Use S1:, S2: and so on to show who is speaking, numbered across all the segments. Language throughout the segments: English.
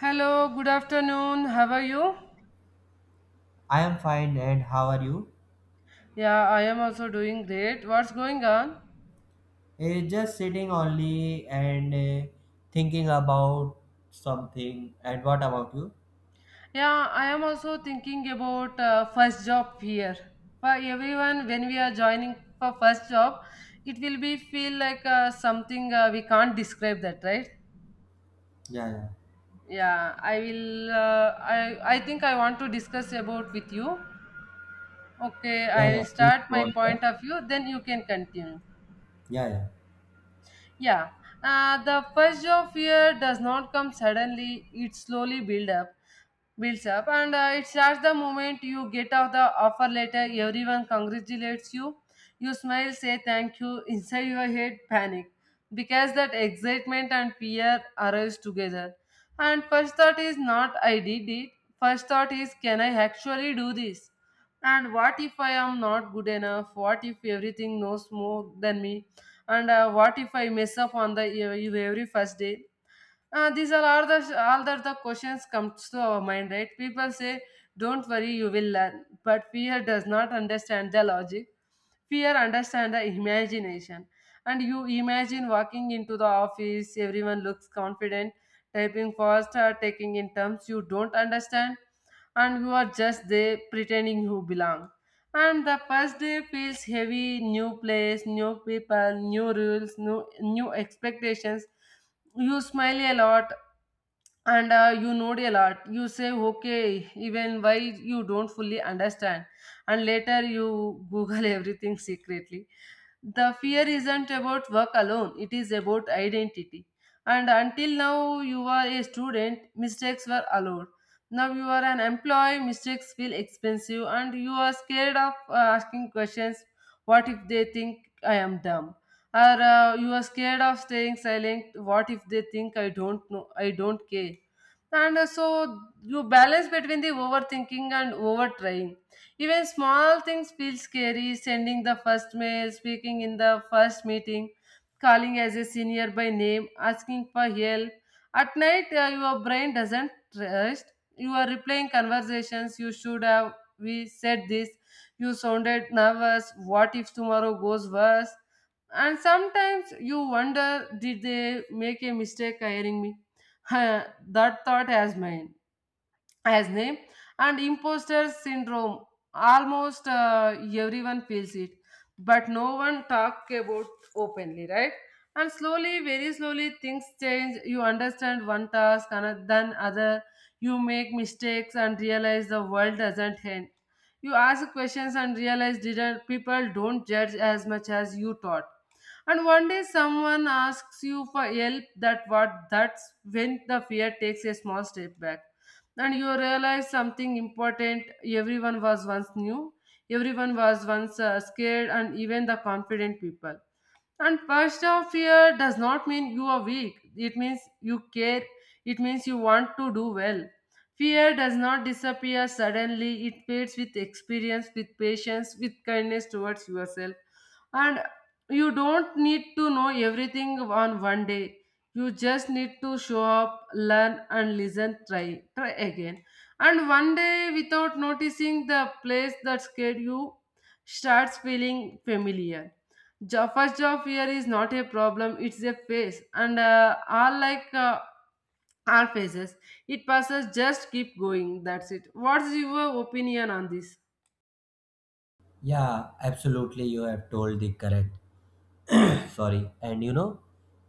S1: Hello, good afternoon. How are you?
S2: I am fine, and how are you?
S1: Yeah, I am also doing great. What's going on?
S2: Just sitting only and thinking about something. And what about you?
S1: Yeah, I am also thinking about first job fear. For everyone, when we are joining for first job, it will be feel like something we can't describe that, right?
S2: Yeah, yeah,
S1: Yeah, I will. I think I want to discuss about with you. Okay,
S2: yeah,
S1: I
S2: yeah.
S1: will
S2: Please
S1: start
S2: go
S1: my
S2: ahead.
S1: point of view. Then you can continue.
S2: Yeah, yeah,
S1: Yeah, the first of fear does not come suddenly. It slowly builds up, and it starts the moment you get out the offer letter. Everyone congratulates you. You smile, say thank you. Inside your head, panic because that excitement and fear arrives together. And first thought is not I did it. First thought is can I actually do this? And what if I am not good enough? What if everything knows more than me? And what if I mess up on the every first day, these are all the all that the questions comes to our mind, right? People say, "Don't worry, you will learn," but fear does not understand the logic. Fear understands the imagination, and you imagine walking into the office. Everyone looks confident, typing fast, or taking in terms you don't understand, and you are just there pretending you belong. And the first day feels heavy. New place, new people, new rules, new expectations. You smile a lot, and you nod a lot. You say okay even why you don't fully understand, and later you google everything secretly. The fear isn't about work alone, it is about identity. And until now you are a student, mistakes were allowed. Now you are an employee, mistakes feel expensive, and you are scared of asking questions. What if they think I am dumb? Or you are scared of staying silent. What if they think I don't know? I don't care. And so you balance between the overthinking and overtrying. Even small things feel scary. Sending the first mail, speaking in the first meeting, calling as a senior by name, asking for help. At night, your brain doesn't rest. You are replaying conversations. You should have. We said this. You sounded nervous. What if tomorrow goes worse? And sometimes you wonder, did they make a mistake hiring me? That thought has mine as name, and imposter syndrome almost everyone feels it, but no one talk about openly, right? And slowly, very slowly, things change. You understand one task and then other. You make mistakes and realize the world doesn't end. You ask questions and realize didn't people don't judge as much as you thought. And one day someone asks you for help. That's when the fear takes a small step back, and you realize something important. Everyone was once new, everyone was once scared, and even the confident people. And personal fear does not mean you are weak. It means you care. It means you want to do well. Fear does not disappear suddenly. It fades with experience, with patience, with kindness towards yourself. And you don't need to know everything on one day. You just need to show up, learn, and listen. Try, try again. And one day, without noticing, the place that scared you starts feeling familiar. First job fear is not a problem, it's a phase, and all like all phases, it passes, just keep going. That's it. What's your opinion on this?
S2: yeah. Absolutely, you have told the correct. Sorry, and you know,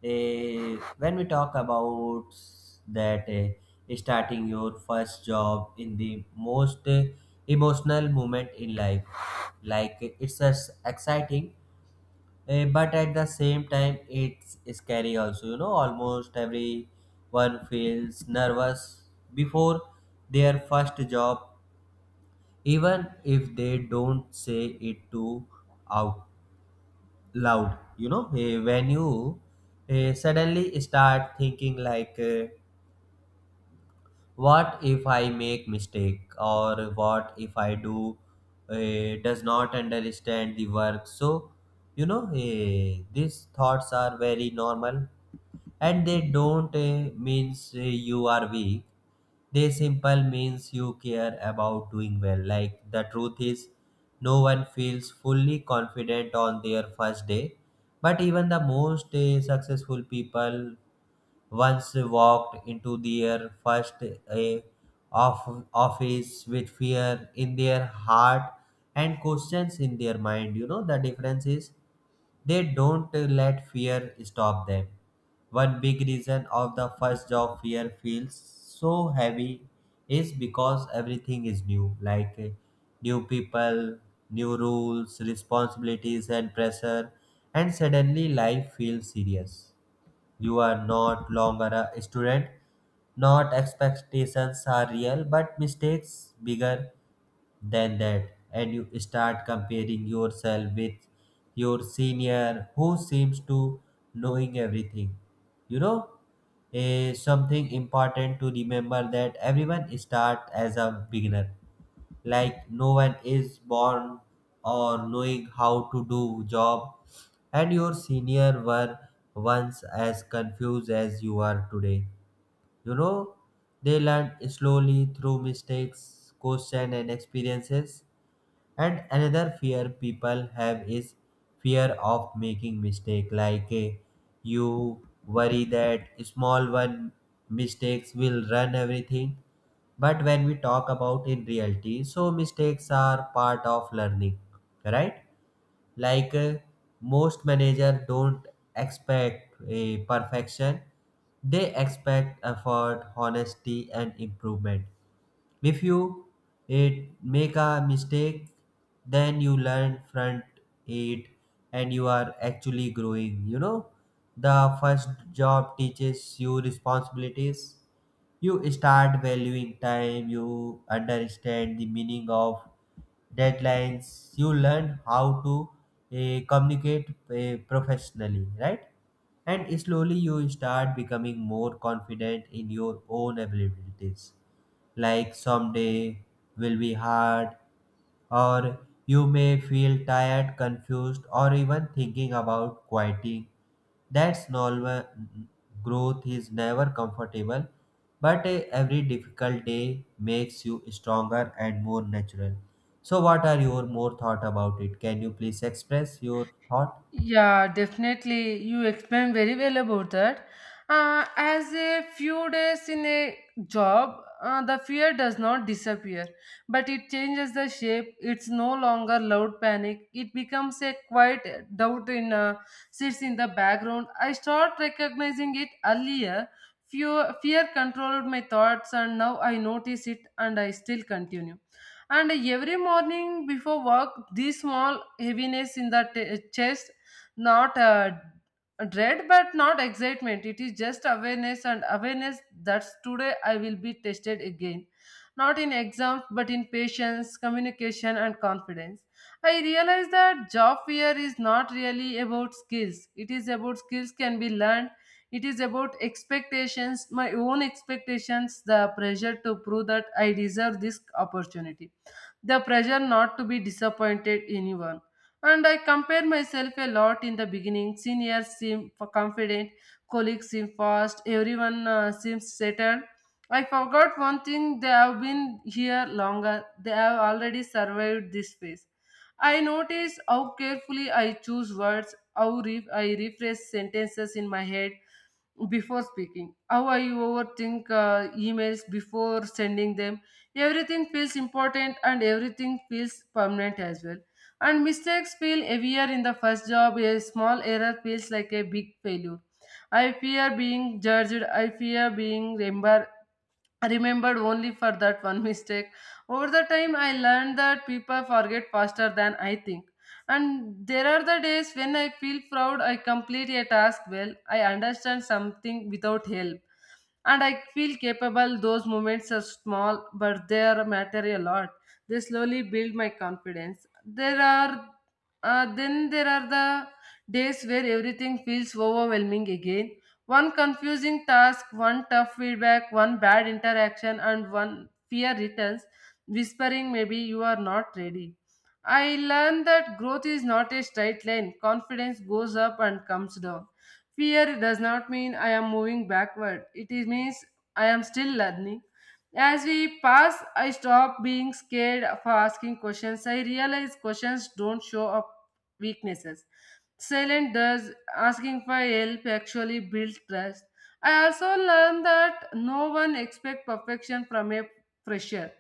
S2: when we talk about starting your first job in the most emotional moment in life, like it's as exciting. But at the same time, it's scary also, you know. Almost everyone feels nervous before their first job, even if they don't say it to out loud, you know. When you suddenly start thinking like, what if I make mistake, or what if I do, does not understand the work. So, you know, these thoughts are very normal, and they don't means you are weak. They simple means you care about doing well. Like, the truth is, no one feels fully confident on their first day. But even the most successful people once walked into their first of office with fear in their heart and questions in their mind. You know, the difference is, they don't let fear stop them. One big reason of the first job fear feels so heavy is because everything is new. Like, new people, new rules, responsibilities, and pressure. And suddenly life feels serious. You are not longer a student. Not expectations are real, but mistakes bigger than that. And you start comparing yourself with your senior who seems to knowing everything. You know, something important to remember that everyone start as a beginner. Like, no one is born or knowing how to do job, and your senior were once as confused as you are today. You know, they learn slowly through mistakes, question, and experiences. And another fear people have is fear of making mistake. Like, you worry that small one mistakes will run everything. But when we talk about in reality, so mistakes are part of learning, right? Like, most manager don't expect a perfection. They expect effort, honesty, and improvement. If you it make a mistake, then you learn front it, and you are actually growing. You know, the first job teaches you responsibilities. You start valuing time, you understand the meaning of deadlines, you learn how to communicate professionally, right? And slowly you start becoming more confident in your own abilities, like someday will be hard, or you may feel tired, confused, or even thinking about quieting. That's normal. Growth is never comfortable, but every difficult day makes you stronger and more natural. So, what are your more thought about it? Can you please express your thought?
S1: Yeah, definitely. You explained very well about that. As a few days in a job, the fear does not disappear, but it changes the shape. It's no longer loud panic. It becomes a quiet doubt in sits in the background. I start recognizing it earlier. Fear controlled my thoughts, and now I notice it, and I still continue. And every morning before work, this small heaviness in the chest, not dread but not excitement. It is just awareness, and awareness that today I will be tested again, not in exams but in patience, communication, and confidence. I realize that job fear is not really about skills, it is about skills can be learned. It is about expectations, my own expectations, the pressure to prove that I deserve this opportunity, the pressure not to be disappointed anyone. And I compare myself a lot in the beginning. Seniors seem confident, colleagues seem fast, everyone seems settled. I forgot one thing, they have been here longer, they have already survived this phase. I notice how carefully I choose words, how I rephrase sentences in my head before speaking, how I overthink emails before sending them. Everything feels important and everything feels permanent as well. And mistakes feel heavier in the first job. A small error feels like a big failure. I fear being judged, I fear being remembered only for that one mistake. Over the time I learned that people forget faster than I think. And there are the days when I feel proud. I complete a task well, I understand something without help, and I feel capable. Those moments are small, but they are matter a lot. They slowly build my confidence. There are then there are the days where everything feels overwhelming again. One confusing task, one tough feedback, one bad interaction, and one fear returns, whispering maybe you are not ready. I learned that growth is not a straight line. Confidence goes up and comes down. Fear does not mean I am moving backward, it is means I am still learning. As we pass, I stop being scared for asking questions. I realize questions don't show up weaknesses. Silent does asking for help actually build trust. I also learned that no one expects perfection from a fresher.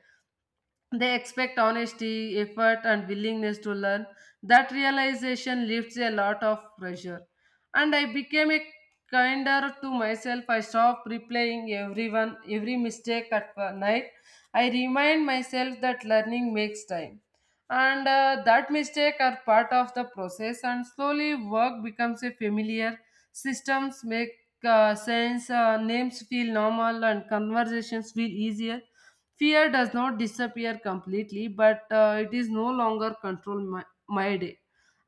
S1: They expect honesty, effort, and willingness to learn. That realization lifts a lot of pressure. And I became a kinder to myself. I stopped replaying every mistake at night. I remind myself that learning makes time. And that mistake are part of the process, and slowly work becomes a familiar. Systems make sense, names feel normal, and conversations feel easier. Fear does not disappear completely, but it is no longer control my day.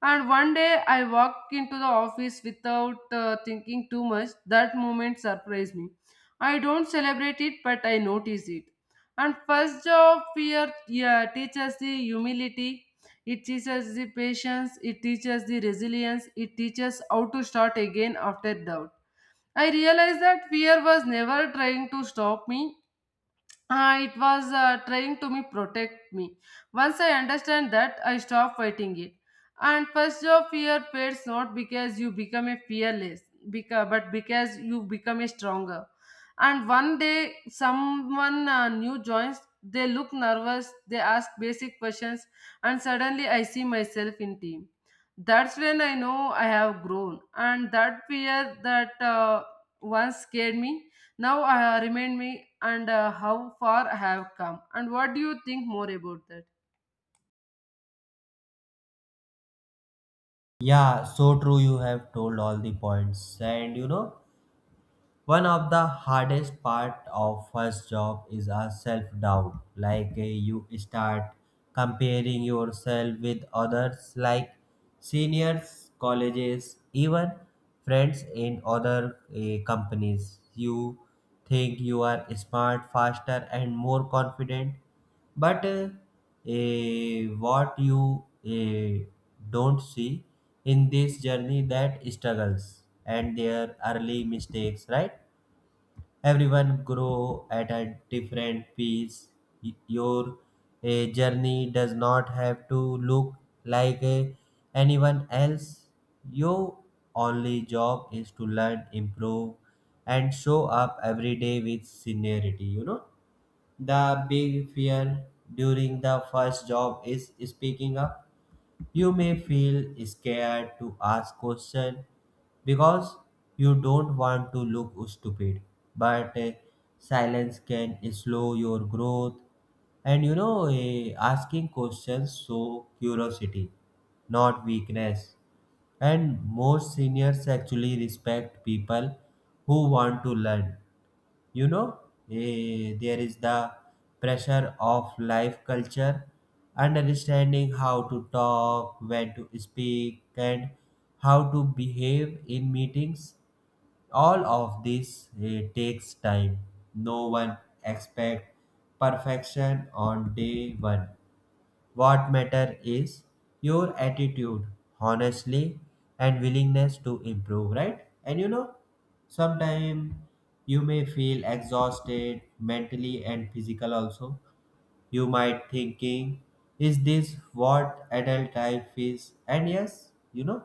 S1: And one day I walk into the office without thinking too much. That moment surprised me. I don't celebrate it, but I notice it. And first job fear, yeah, teaches the humility, it teaches the patience, it teaches the resilience, it teaches how to start again after doubt. I realized that fear was never trying to stop me. It was trying to me protect me. Once I understand that, I stop fighting it. And first your fear fades not because you become a fearless, but because you become a stronger. And one day someone new joins. They look nervous. They ask basic questions, and suddenly I see myself in team. That's when I know I have grown, and that fear that once scared me now remind me and how far I have come. And what do you think more about that?
S2: Yeah, so true. You have told all the points, and you know. One of the hardest part of first job is a self doubt. Like, you start comparing yourself with others, like seniors, colleges, even friends in other companies. You think you are smart, faster, and more confident. But, what you don't see in this journey, that struggles and their early mistakes, right? Everyone grow at a different pace. Your journey does not have to look like, anyone else. Your only job is to learn, improve, and show up every day with sincerity. You know, the big fear during the first job is speaking up. You may feel scared to ask questions because you don't want to look stupid, but silence can slow your growth. And, you know, asking questions show curiosity, not weakness. And most seniors actually respect people who want to learn. You know, there is the pressure of life culture, understanding how to talk, when to speak, and how to behave in meetings. All of this takes time. No one expect perfection on day one. What matter is your attitude, honestly, and willingness to improve, right? And, you know, sometimes you may feel exhausted mentally and physical also. You might thinking, is this what adult life is? And yes, you know,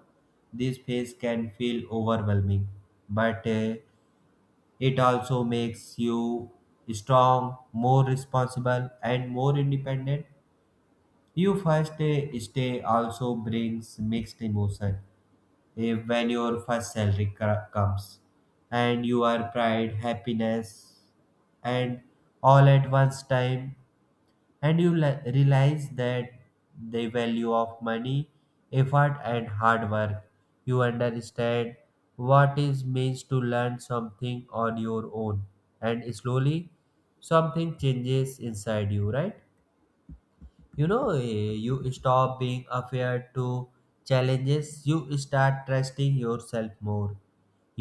S2: this phase can feel overwhelming, but it also makes you strong, more responsible, and more independent. Your first day stay also brings mixed emotion. When your first salary comes, and you are pride, happiness, and all at once time, and you realize that the value of money, effort, and hard work. You understand what it means to learn something on your own, and slowly something changes inside you, right? You know, you stop being afraid to challenges. You start trusting yourself more.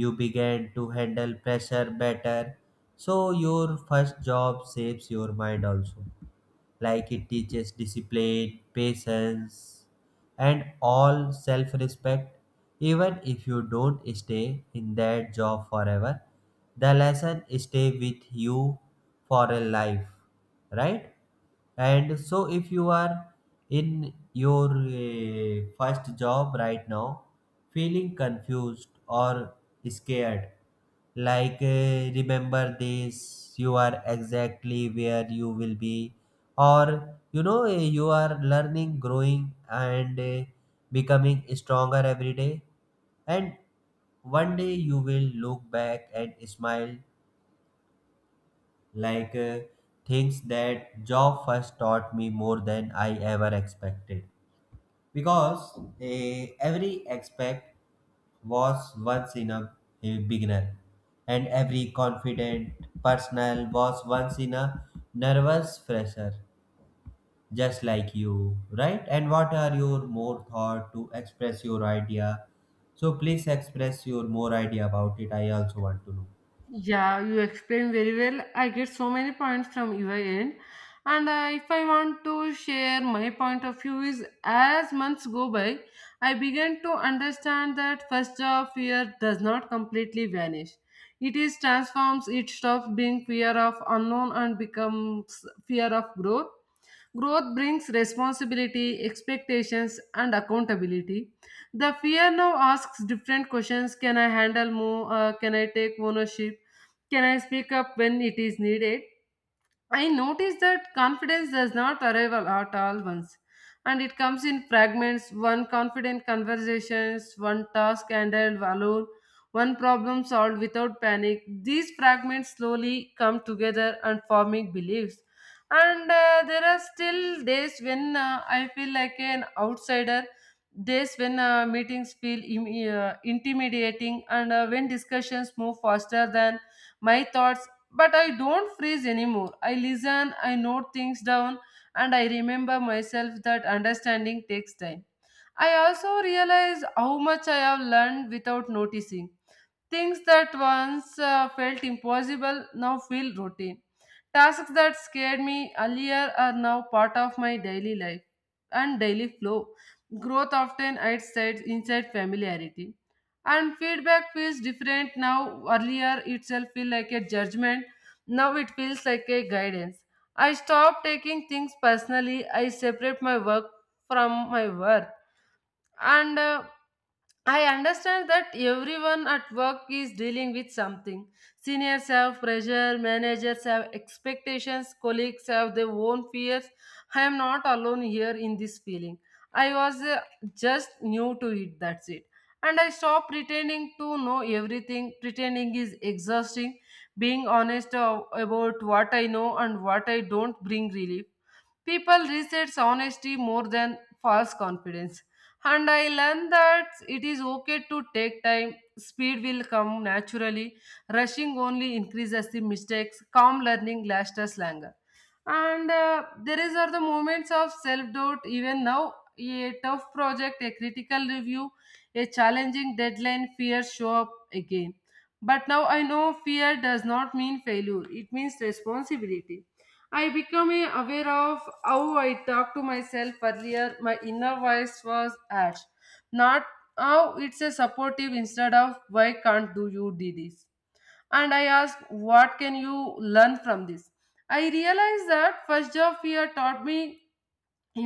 S2: You begin to handle pressure better. So your first job shapes your mind also. Like, it teaches discipline, patience, and all self respect. Even if you don't stay in that job forever, the lesson stay with you for a life, right? And so, if you are in your first job right now, feeling confused or scared, like, remember this, you are exactly where you will be, or, you know, you are learning, growing, and becoming stronger every day. And one day you will look back and smile. Like, things that job first taught me more than I ever expected. Because, every expect was once in a beginner, and every confident personal was once in a nervous fresher, just like you, right? And what are your more thought to express your idea? So please express your more idea about it. I also want to know.
S1: Yeah, you explained very well. I get so many points from your end. And if I want to share my point of view is as months go by, I began to understand that first job fear does not completely vanish. It is transforms, it stops being fear of unknown and becomes fear of growth. Growth brings responsibility, expectations, and accountability. The fear now asks different questions. Can I handle more? Can I take ownership? Can I speak up when it is needed? I noticed that confidence does not arrive at all once, and it comes in fragments, one confident conversations, one task handled alone, one problem solved without panic. These fragments slowly come together and forming beliefs. And there are still days when I feel like an outsider, days when meetings feel intimidating, and when discussions move faster than my thoughts, but I don't freeze anymore. I listen, I note things down, and I remember myself that understanding takes time. I also realize how much I have learned without noticing. Things that once felt impossible now feel routine. Tasks that scared me earlier are now part of my daily life and daily flow. Growth often hides inside familiarity. And feedback feels different now. Earlier itself feel like a judgment. Now it feels like a guidance. I stop taking things personally. I separate my work from my worth, and I understand that everyone at work is dealing with something. Seniors have pressure, managers have expectations, colleagues have their own fears. I am not alone here in this feeling. I was just new to it, that's it. And I stopped pretending to know everything. Pretending is exhausting. Being honest about what I know and what I don't bring relief. People resets honesty more than false confidence. And I learned that it is okay to take time. Speed will come naturally. Rushing only increases the mistakes. Calm learning lasts us longer. And there is are the moments of self doubt. Even now, a tough project, a critical review, a challenging deadline, fears show up again. But now I know fear does not mean failure. It means responsibility. I became aware of how I talked to myself earlier. My inner voice was harsh. Not how it's a supportive instead of why can't do you do this? And I asked, what can you learn from this? I realized that first job fear taught me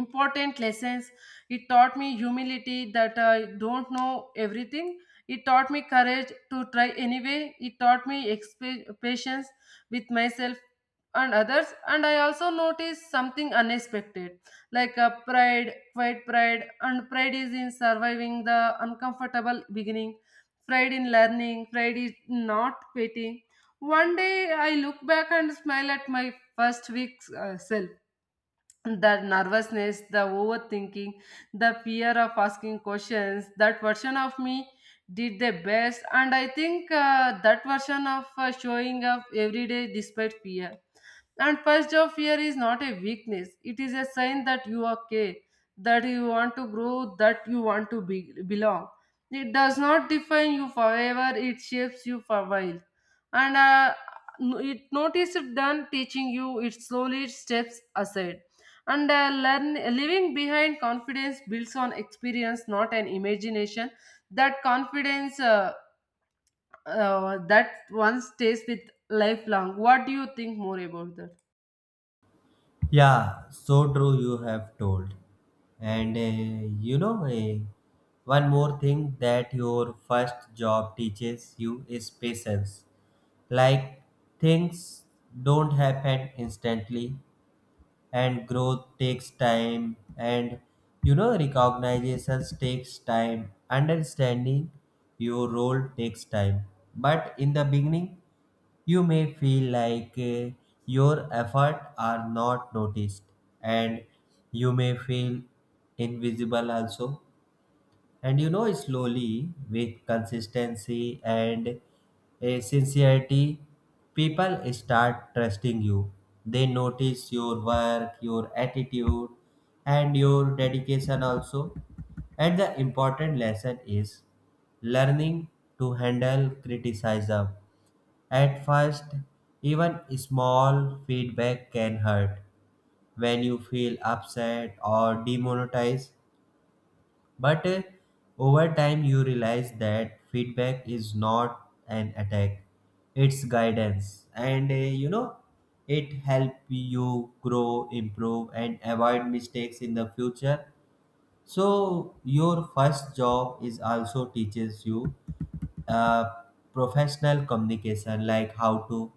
S1: important lessons. It taught me humility, that I don't know everything. It taught me courage to try anyway. It taught me patience with myself and others. And I also noticed something unexpected, like a pride, quiet pride. And pride is in surviving the uncomfortable beginning, pride in learning, pride is not quitting. One day I look back and smile at my first week's self. That nervousness, the overthinking, the fear of asking questions, that version of me did their best. And I think that version of showing up every day despite fear. And first job fear is not a weakness, it is a sign that you are okay, that you want to grow, that you want to belong. It does not define you forever, it shapes you for a while. And it noticed done teaching you, it slowly steps aside and learn leaving behind confidence builds on experience, not an imagination. That confidence, that one stays with lifelong. What do you think more about that?
S2: Yeah, so true, you have told. And, you know, one more thing that your first job teaches you is patience. Like, things don't happen instantly, and growth takes time. And, you know, recognitions takes time. Understanding your role takes time. But in the beginning, you may feel like, your efforts are not noticed, and you may feel invisible also. And, you know, slowly, with consistency and a sincerity, people start trusting you. They notice your work, your attitude, and your dedication also. And the important lesson is learning to handle criticism. At first, even small feedback can hurt when you feel upset or demonetized, but, over time, you realize that feedback is not an attack, it's guidance. And, you know, it helps you grow, improve, and avoid mistakes in the future. So your first job is also teaches you uh, professional communication, like how to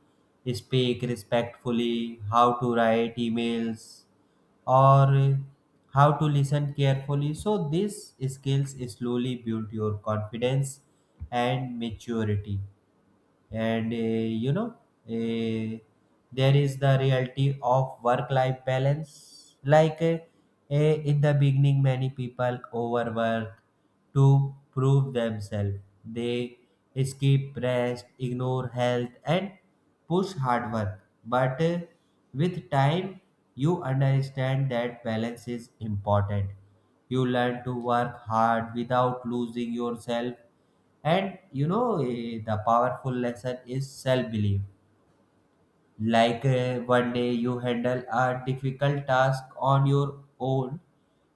S2: speak respectfully, how to write emails, or how to listen carefully. So these skills slowly build your confidence and maturity. And, you know, uh, there is the reality of work life balance. Like, uh, in the beginning, many people overwork to prove themselves. They skip rest, ignore health, and push hard work. But, with time, you understand that balance is important. You learn to work hard without losing yourself. And, you know, the powerful lesson is self belief. Like, one day you handle a difficult task on your own,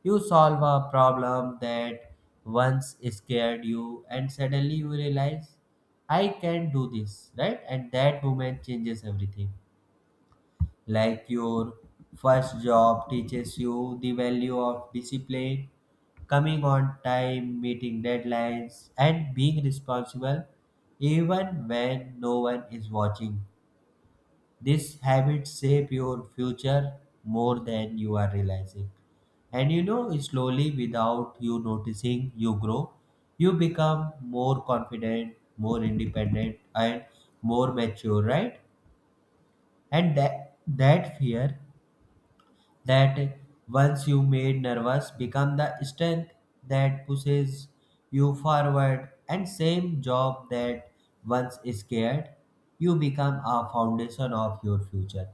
S2: you solve a problem that once scared you, and suddenly you realize, I can do this, right? And that moment changes everything. Like your first job teaches you the value of discipline, coming on time, meeting deadlines, and being responsible even when no one is watching. These habits shape your future more than you are realizing. And, you know, slowly, without you noticing, you grow. You become more confident, more independent, and more mature, right? And that fear that once you made nervous become the strength that pushes you forward, and same job that once scared you become a foundation of your future.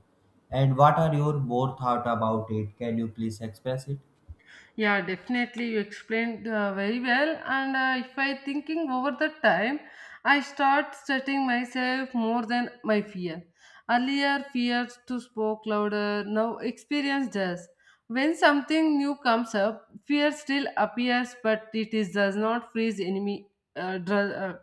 S2: And what are your more thought about it? Can you please express it?
S1: Yeah, definitely. You explained very well. And if I thinking over the time, I start setting myself more than my fear. Earlier, fears to spoke louder. Now, experience does. When something new comes up, fear still appears, but it is does not freeze enemy. Uh, dr- uh,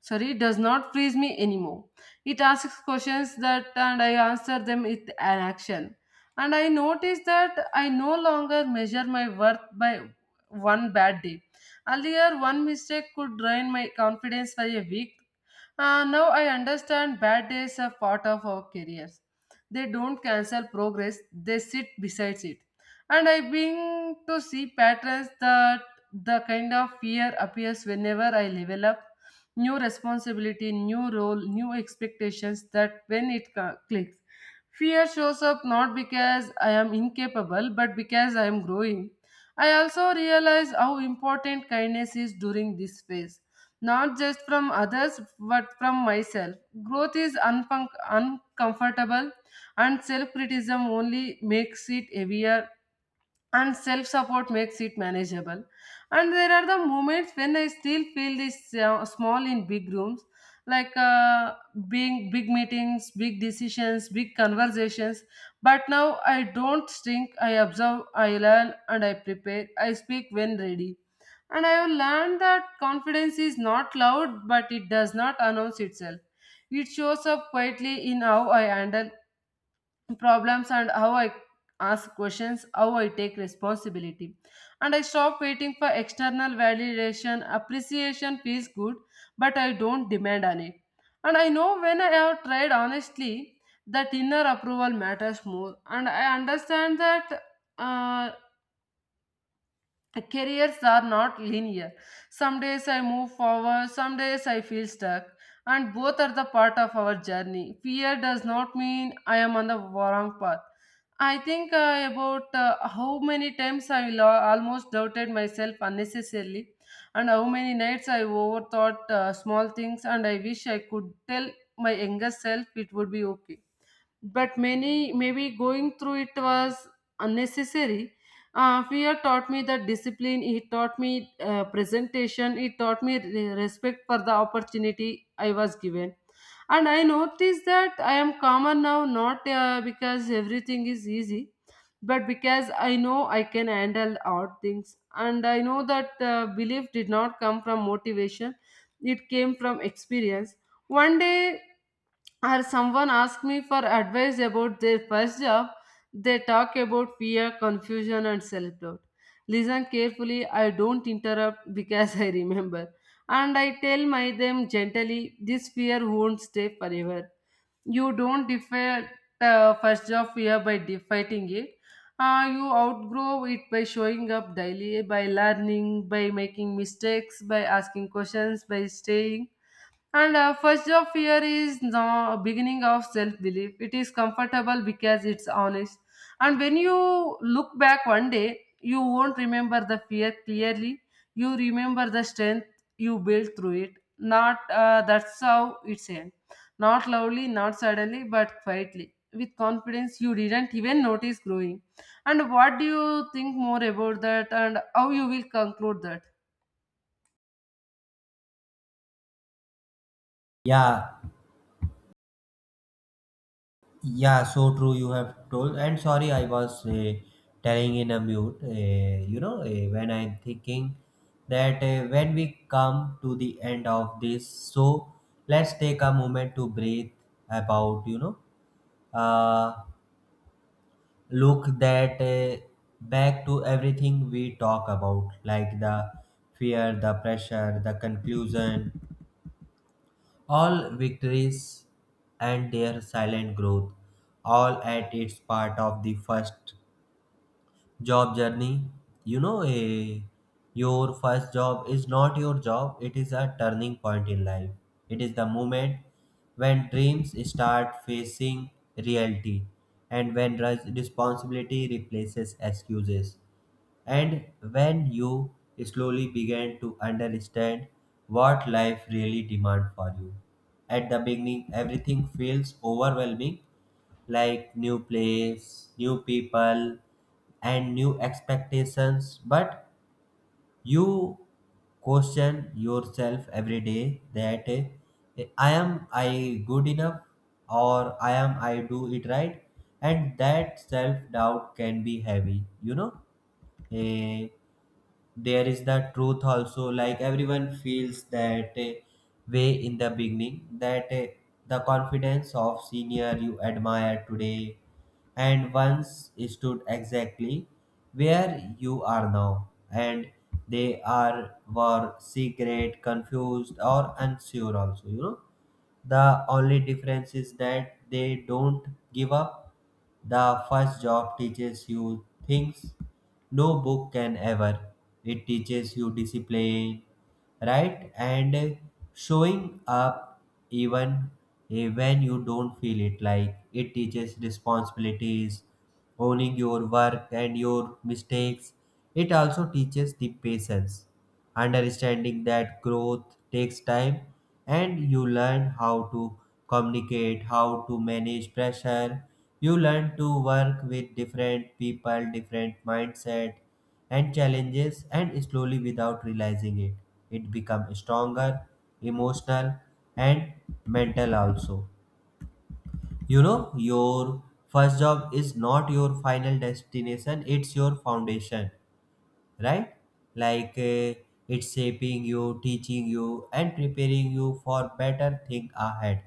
S1: Sorry, does not freeze me anymore. It asks questions that, and I answer them with an action. And I noticed that I no longer measure my worth by one bad day. Earlier, one mistake could drain my confidence for a week. Now I understand bad days are part of our careers. They don't cancel progress, they sit beside it. And I begin to see patterns that the kind of fear appears whenever I level up. New responsibility, new role, new expectations, that when it clicks. Fear shows up not because I am incapable, but because I am growing. I also realize how important kindness is during this phase, not just from others, but from myself. Growth is uncomfortable, and self criticism only makes it heavier, and self support makes it manageable. And there are the moments when I still feel this small in big rooms, like uh, being big meetings, big decisions, big conversations. But now I don't shrink, I observe, I learn, and I prepare. I speak when ready. And I have learned that confidence is not loud, but it does not announce itself. It shows up quietly in how I handle problems, and how I ask questions, how I take responsibility. And I stop waiting for external validation. Appreciation feels good, but I don't demand on it. And I know when I have tried honestly, that inner approval matters more. And I understand that uh, careers are not linear. Some days I move forward, some days I feel stuck, and both are the part of our journey. Fear does not mean I am on the wrong path. I think about how many times I almost doubted myself unnecessarily, and how many nights I overthought small things, and I wish I could tell my younger self it would be okay, but many maybe going through it was unnecessary. Fear taught me the discipline, it taught me presentation, it taught me respect for the opportunity I was given. And I noticed that I am calmer now, not because everything is easy, but because I know I can handle odd things. And I know that belief did not come from motivation, it came from experience. One day, or someone asked me for advice about their first job, they talk about fear, confusion, and self doubt. Listen carefully, I don't interrupt because I remember. And I tell my them gently, this fear won't stay forever. You don't defeat the first job fear by fighting it. You outgrow it by showing up daily, by learning, by making mistakes, by asking questions, by staying. And first job fear is the beginning of self belief. It is comfortable because it's honest. And when you look back one day, you won't remember the fear clearly. You remember the strength you built through it. Not that's how it's end. Not loudly, not suddenly, but quietly. With confidence, you didn't even notice growing. And what do you think more about that? And how you will conclude that?
S2: Yeah. Yeah, so true. You have told, and sorry, I was telling in a mute. You know, when I'm thinking that when we come to the end of this, so let's take a moment to breathe about, you know, uh, look that back to everything we talk about, like the fear, the pressure, the conclusion, all victories and their silent growth, all at its part of the first job journey. You know, a your first job is not your job, it is a turning point in life. It is the moment when dreams start facing reality, and when responsibility replaces excuses. And when you slowly began to understand what life really demands for you, at the beginning everything feels overwhelming, like new place, new people, and new expectations, but you question yourself every day that I am I good enough, or I am I do it right, and that self doubt can be heavy, you know. Eh, there is the truth also, like everyone feels that way in the beginning, that the confidence of senior you admire today and once stood exactly where you are now, and they are were secret confused or unsure also. You know, the only difference is that they don't give up. The first job teaches you things no book can ever. It teaches you discipline, right? And showing up, even when you don't feel it. Like, it teaches responsibilities, owning your work and your mistakes. It also teaches the patience, understanding that growth takes time, and you learn how to communicate, how to manage pressure. You learn to work with different people, different mindset, and challenges, and slowly without realizing it, it becomes stronger, emotional, and mental also. You know, your first job is not your final destination, it's your foundation, right? Like, it's shaping you, teaching you, and preparing you for better thing ahead.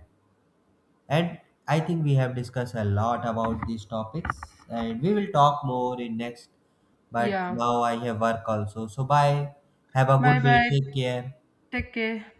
S2: And I think we have discussed a lot about these topics, and we will talk more in next. But
S1: Yeah.
S2: now I have work also. So, bye. Have a good
S1: Bye
S2: day.
S1: bye.
S2: Take care.
S1: Take care.